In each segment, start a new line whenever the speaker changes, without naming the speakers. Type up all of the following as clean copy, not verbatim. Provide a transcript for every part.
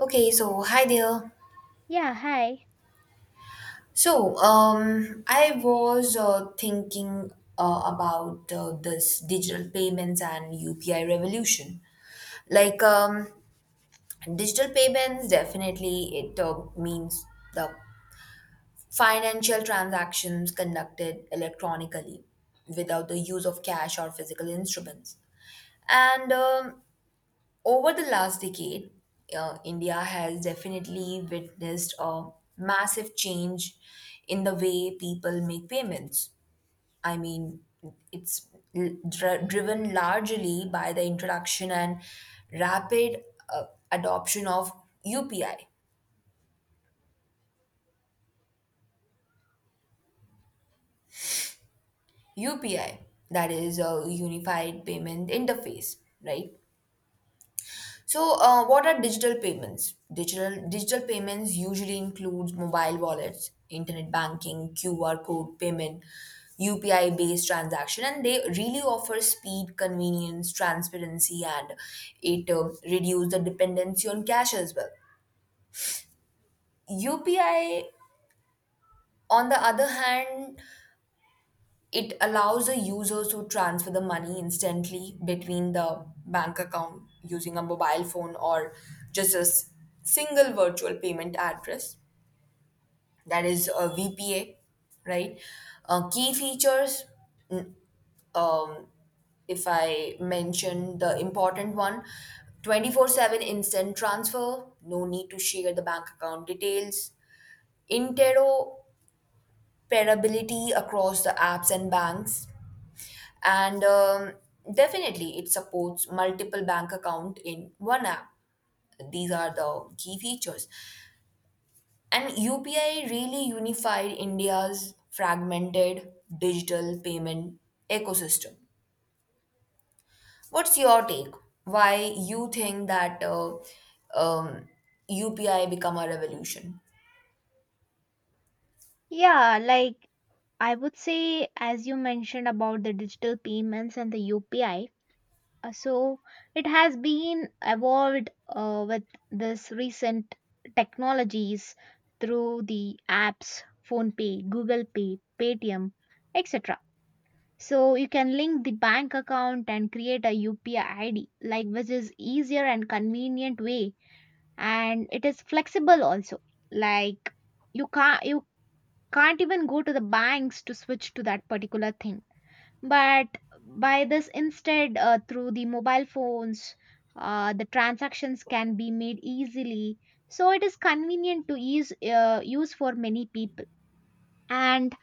Okay, so hi there.
Yeah, hi.
I was thinking about this digital payments and UPI revolution. Like, um, digital payments definitely it means the financial transactions conducted electronically without the use of cash or physical instruments. And Over the last decade, India has definitely witnessed a massive change in the way people make payments. I mean, it's driven largely by the introduction and rapid uh, adoption of UPI. UPI, that is a unified payment interface, right? So, what are digital payments? Digital payments usually includes mobile wallets, internet banking, QR code payment, UPI based transaction, and they really offer speed, convenience, transparency, and it reduce the dependency on cash as well. UPI, on the other hand, it allows the user to transfer the money instantly between the bank account using a mobile phone or just single virtual payment address. That is a VPA, right? Key features, n- um, if I mention the important one, 24/7 instant transfer, no need to share the bank account details, interoperability across the apps and banks, and definitely it supports multiple bank account in one app. These are the key features, and upi really unified india's fragmented digital payment ecosystem. What's your take? Why you think that um, upi become a revolution?
Yeah, like I would say, as you mentioned about the digital payments and the UPI, so it has been evolved with this recent technologies through the apps, Phone Pay, Google Pay, Paytm, etc. So you can link the bank account and create a UPI ID, like which is easier and convenient way, and it is flexible also. Like you can't even go to the banks to switch to that particular thing, but by this instead, through the mobile phones, the transactions can be made easily, so it is convenient to use for many people. And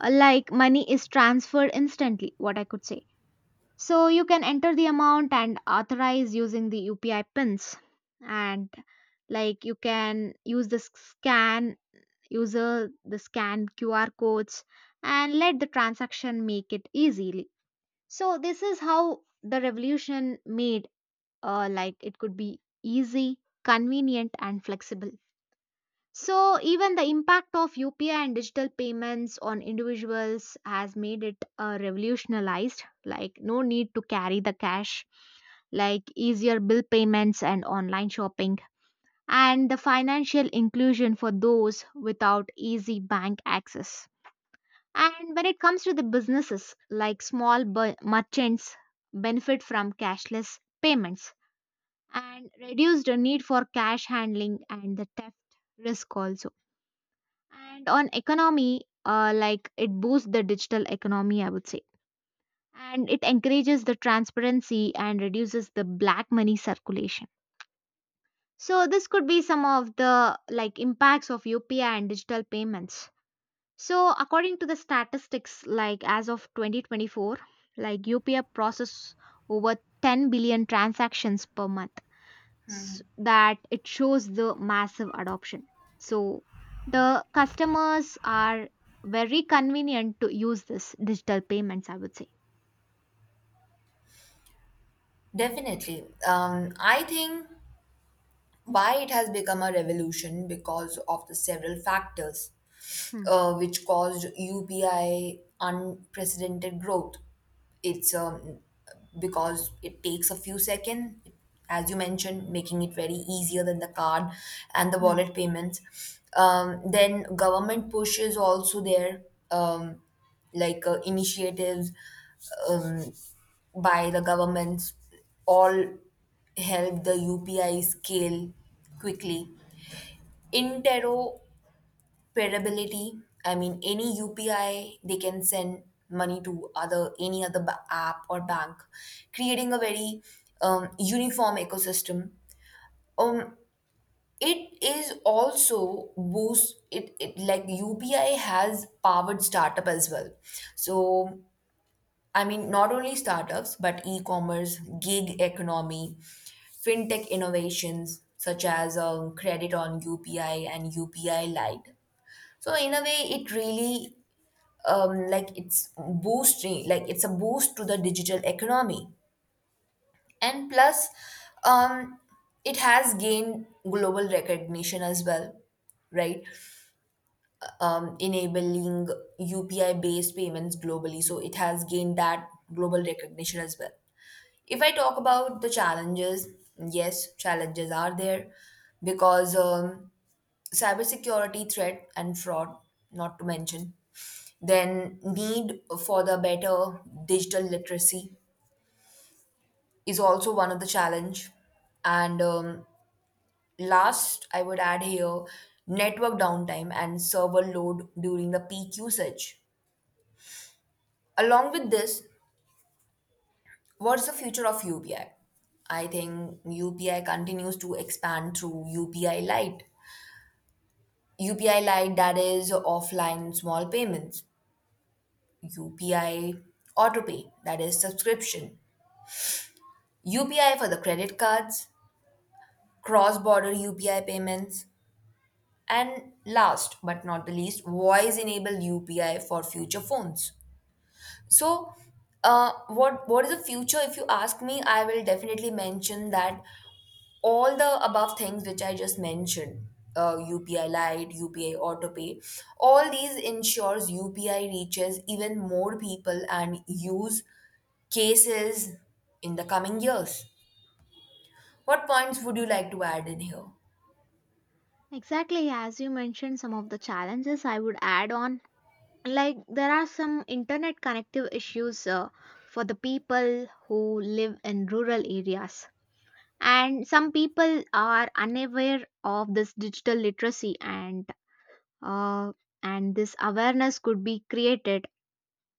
like money is transferred instantly, what I could say. So you can enter the amount and authorize using the UPI pins. And like you can use the scan, user the scan QR codes and let the transaction make it easily. So this is how the revolution made, like it could be easy, convenient and flexible. So even the impact of UPI and digital payments on individuals has made it revolutionized, like no need to carry the cash, like easier bill payments and online shopping, and the financial inclusion for those without easy bank access. And when it comes to the businesses, like merchants benefit from cashless payments and reduce the need for cash handling and the theft risk also. And on economy, like it boosts the digital economy, I would say. And it encourages the transparency and reduces the black money circulation. So this could be some of the like impacts of UPI and digital payments. So according to the statistics, like as of 2024, like UPI process over 10 billion transactions per month. That it shows the massive adoption. So the customers are very convenient to use this digital payments, I would say.
Definitely, I think why it has become a revolution because of the several factors
Hmm.
which caused UPI unprecedented growth. It's because it takes a few seconds, as you mentioned, making it very easier than the card and the
Hmm.
wallet payments. Then government push is also there, um, like initiatives um, by the governments all help the UPI scale quickly. Interoperability, I mean, any UPI they can send money to other any other app or bank, creating a very uniform ecosystem. Um, it is also boost it like UPI has powered startup as well. So I mean, not only startups, but e commerce, gig economy, fintech innovations such as credit on UPI and UPI Lite. So, in a way, it really like it's boosting, like it's a boost to the digital economy. And plus, um, it has gained global recognition as well, right? Enabling UPI based payments globally. So, it has gained that global recognition as well. If I talk about the challenges, yes, challenges are there because cybersecurity threat and fraud, not to mention, then need for the better digital literacy is also one of the challenge. And Last, I would add here network downtime and server load during the peak usage. Along with this, what's the future of UPI? I think UPI continues to expand through UPI Lite. UPI Lite, that is offline small payments. UPI Autopay, that is subscription. UPI for the credit cards, cross border UPI payments, and last but not the least, voice enabled UPI for future phones. So, what is the future? If you ask me, I will definitely mention that all the above things which I just mentioned, UPI Lite, UPI AutoPay, all these ensures UPI reaches even more people and use cases in the coming years. What points would you like to add in here?
Exactly, as you mentioned, some of the challenges I would add on, like there are some internet connective issues for the people who live in rural areas, and some people are unaware of this digital literacy, uh, and this awareness could be created,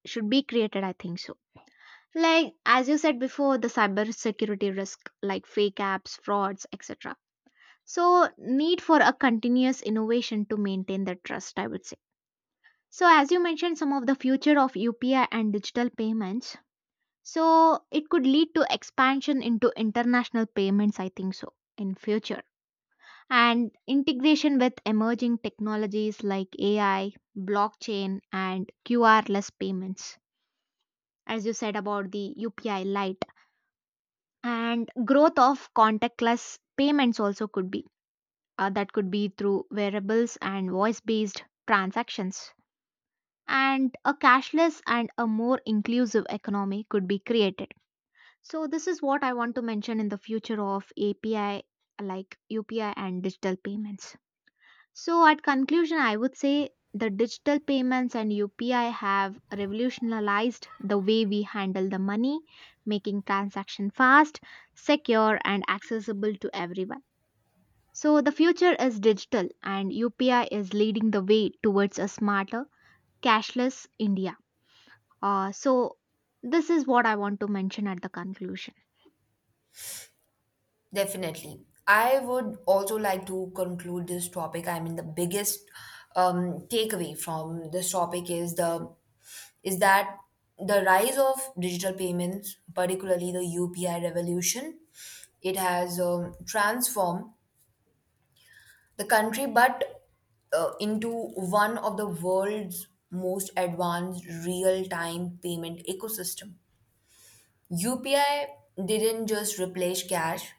should be created, I think so. Like as you said before, the cyber security risk, like fake apps, frauds, etc. So need for a continuous innovation to maintain the trust, I would say. So, as you mentioned, some of the future of UPI and digital payments. So, it could lead to expansion into international payments, I think so, in future. And integration with emerging technologies like AI, blockchain, and QR-less payments, as you said about the UPI Lite. And growth of contactless payments also could be. That could be through wearables and voice-based transactions, and a cashless and a more inclusive economy could be created. So, this is what I want to mention in the future of API, like UPI and digital payments. So, at conclusion, I would say the digital payments and UPI have revolutionized the way we handle the money, making transaction fast, secure, and accessible to everyone. So, the future is digital, and UPI is leading the way towards a smarter, cashless India. So, this is what I want to mention at the conclusion.
Definitely. I would also like to conclude this topic. I mean, the biggest takeaway from this topic is the is that the rise of digital payments, particularly the UPI revolution, it has transformed the country, but into one of the world's most advanced real-time payment ecosystem. UPI didn't just replace cash,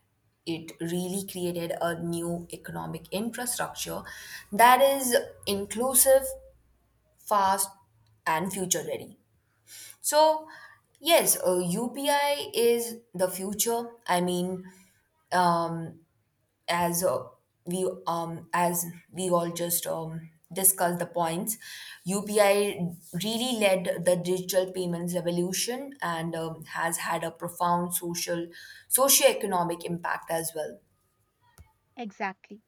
it really created a new economic infrastructure that is inclusive, fast, and future ready. So, yes, UPI is the future. I mean, um, as uh, as we all just discussed the points, UPI really led the digital payments revolution and has had a profound social, socio-economic impact as well.
Exactly.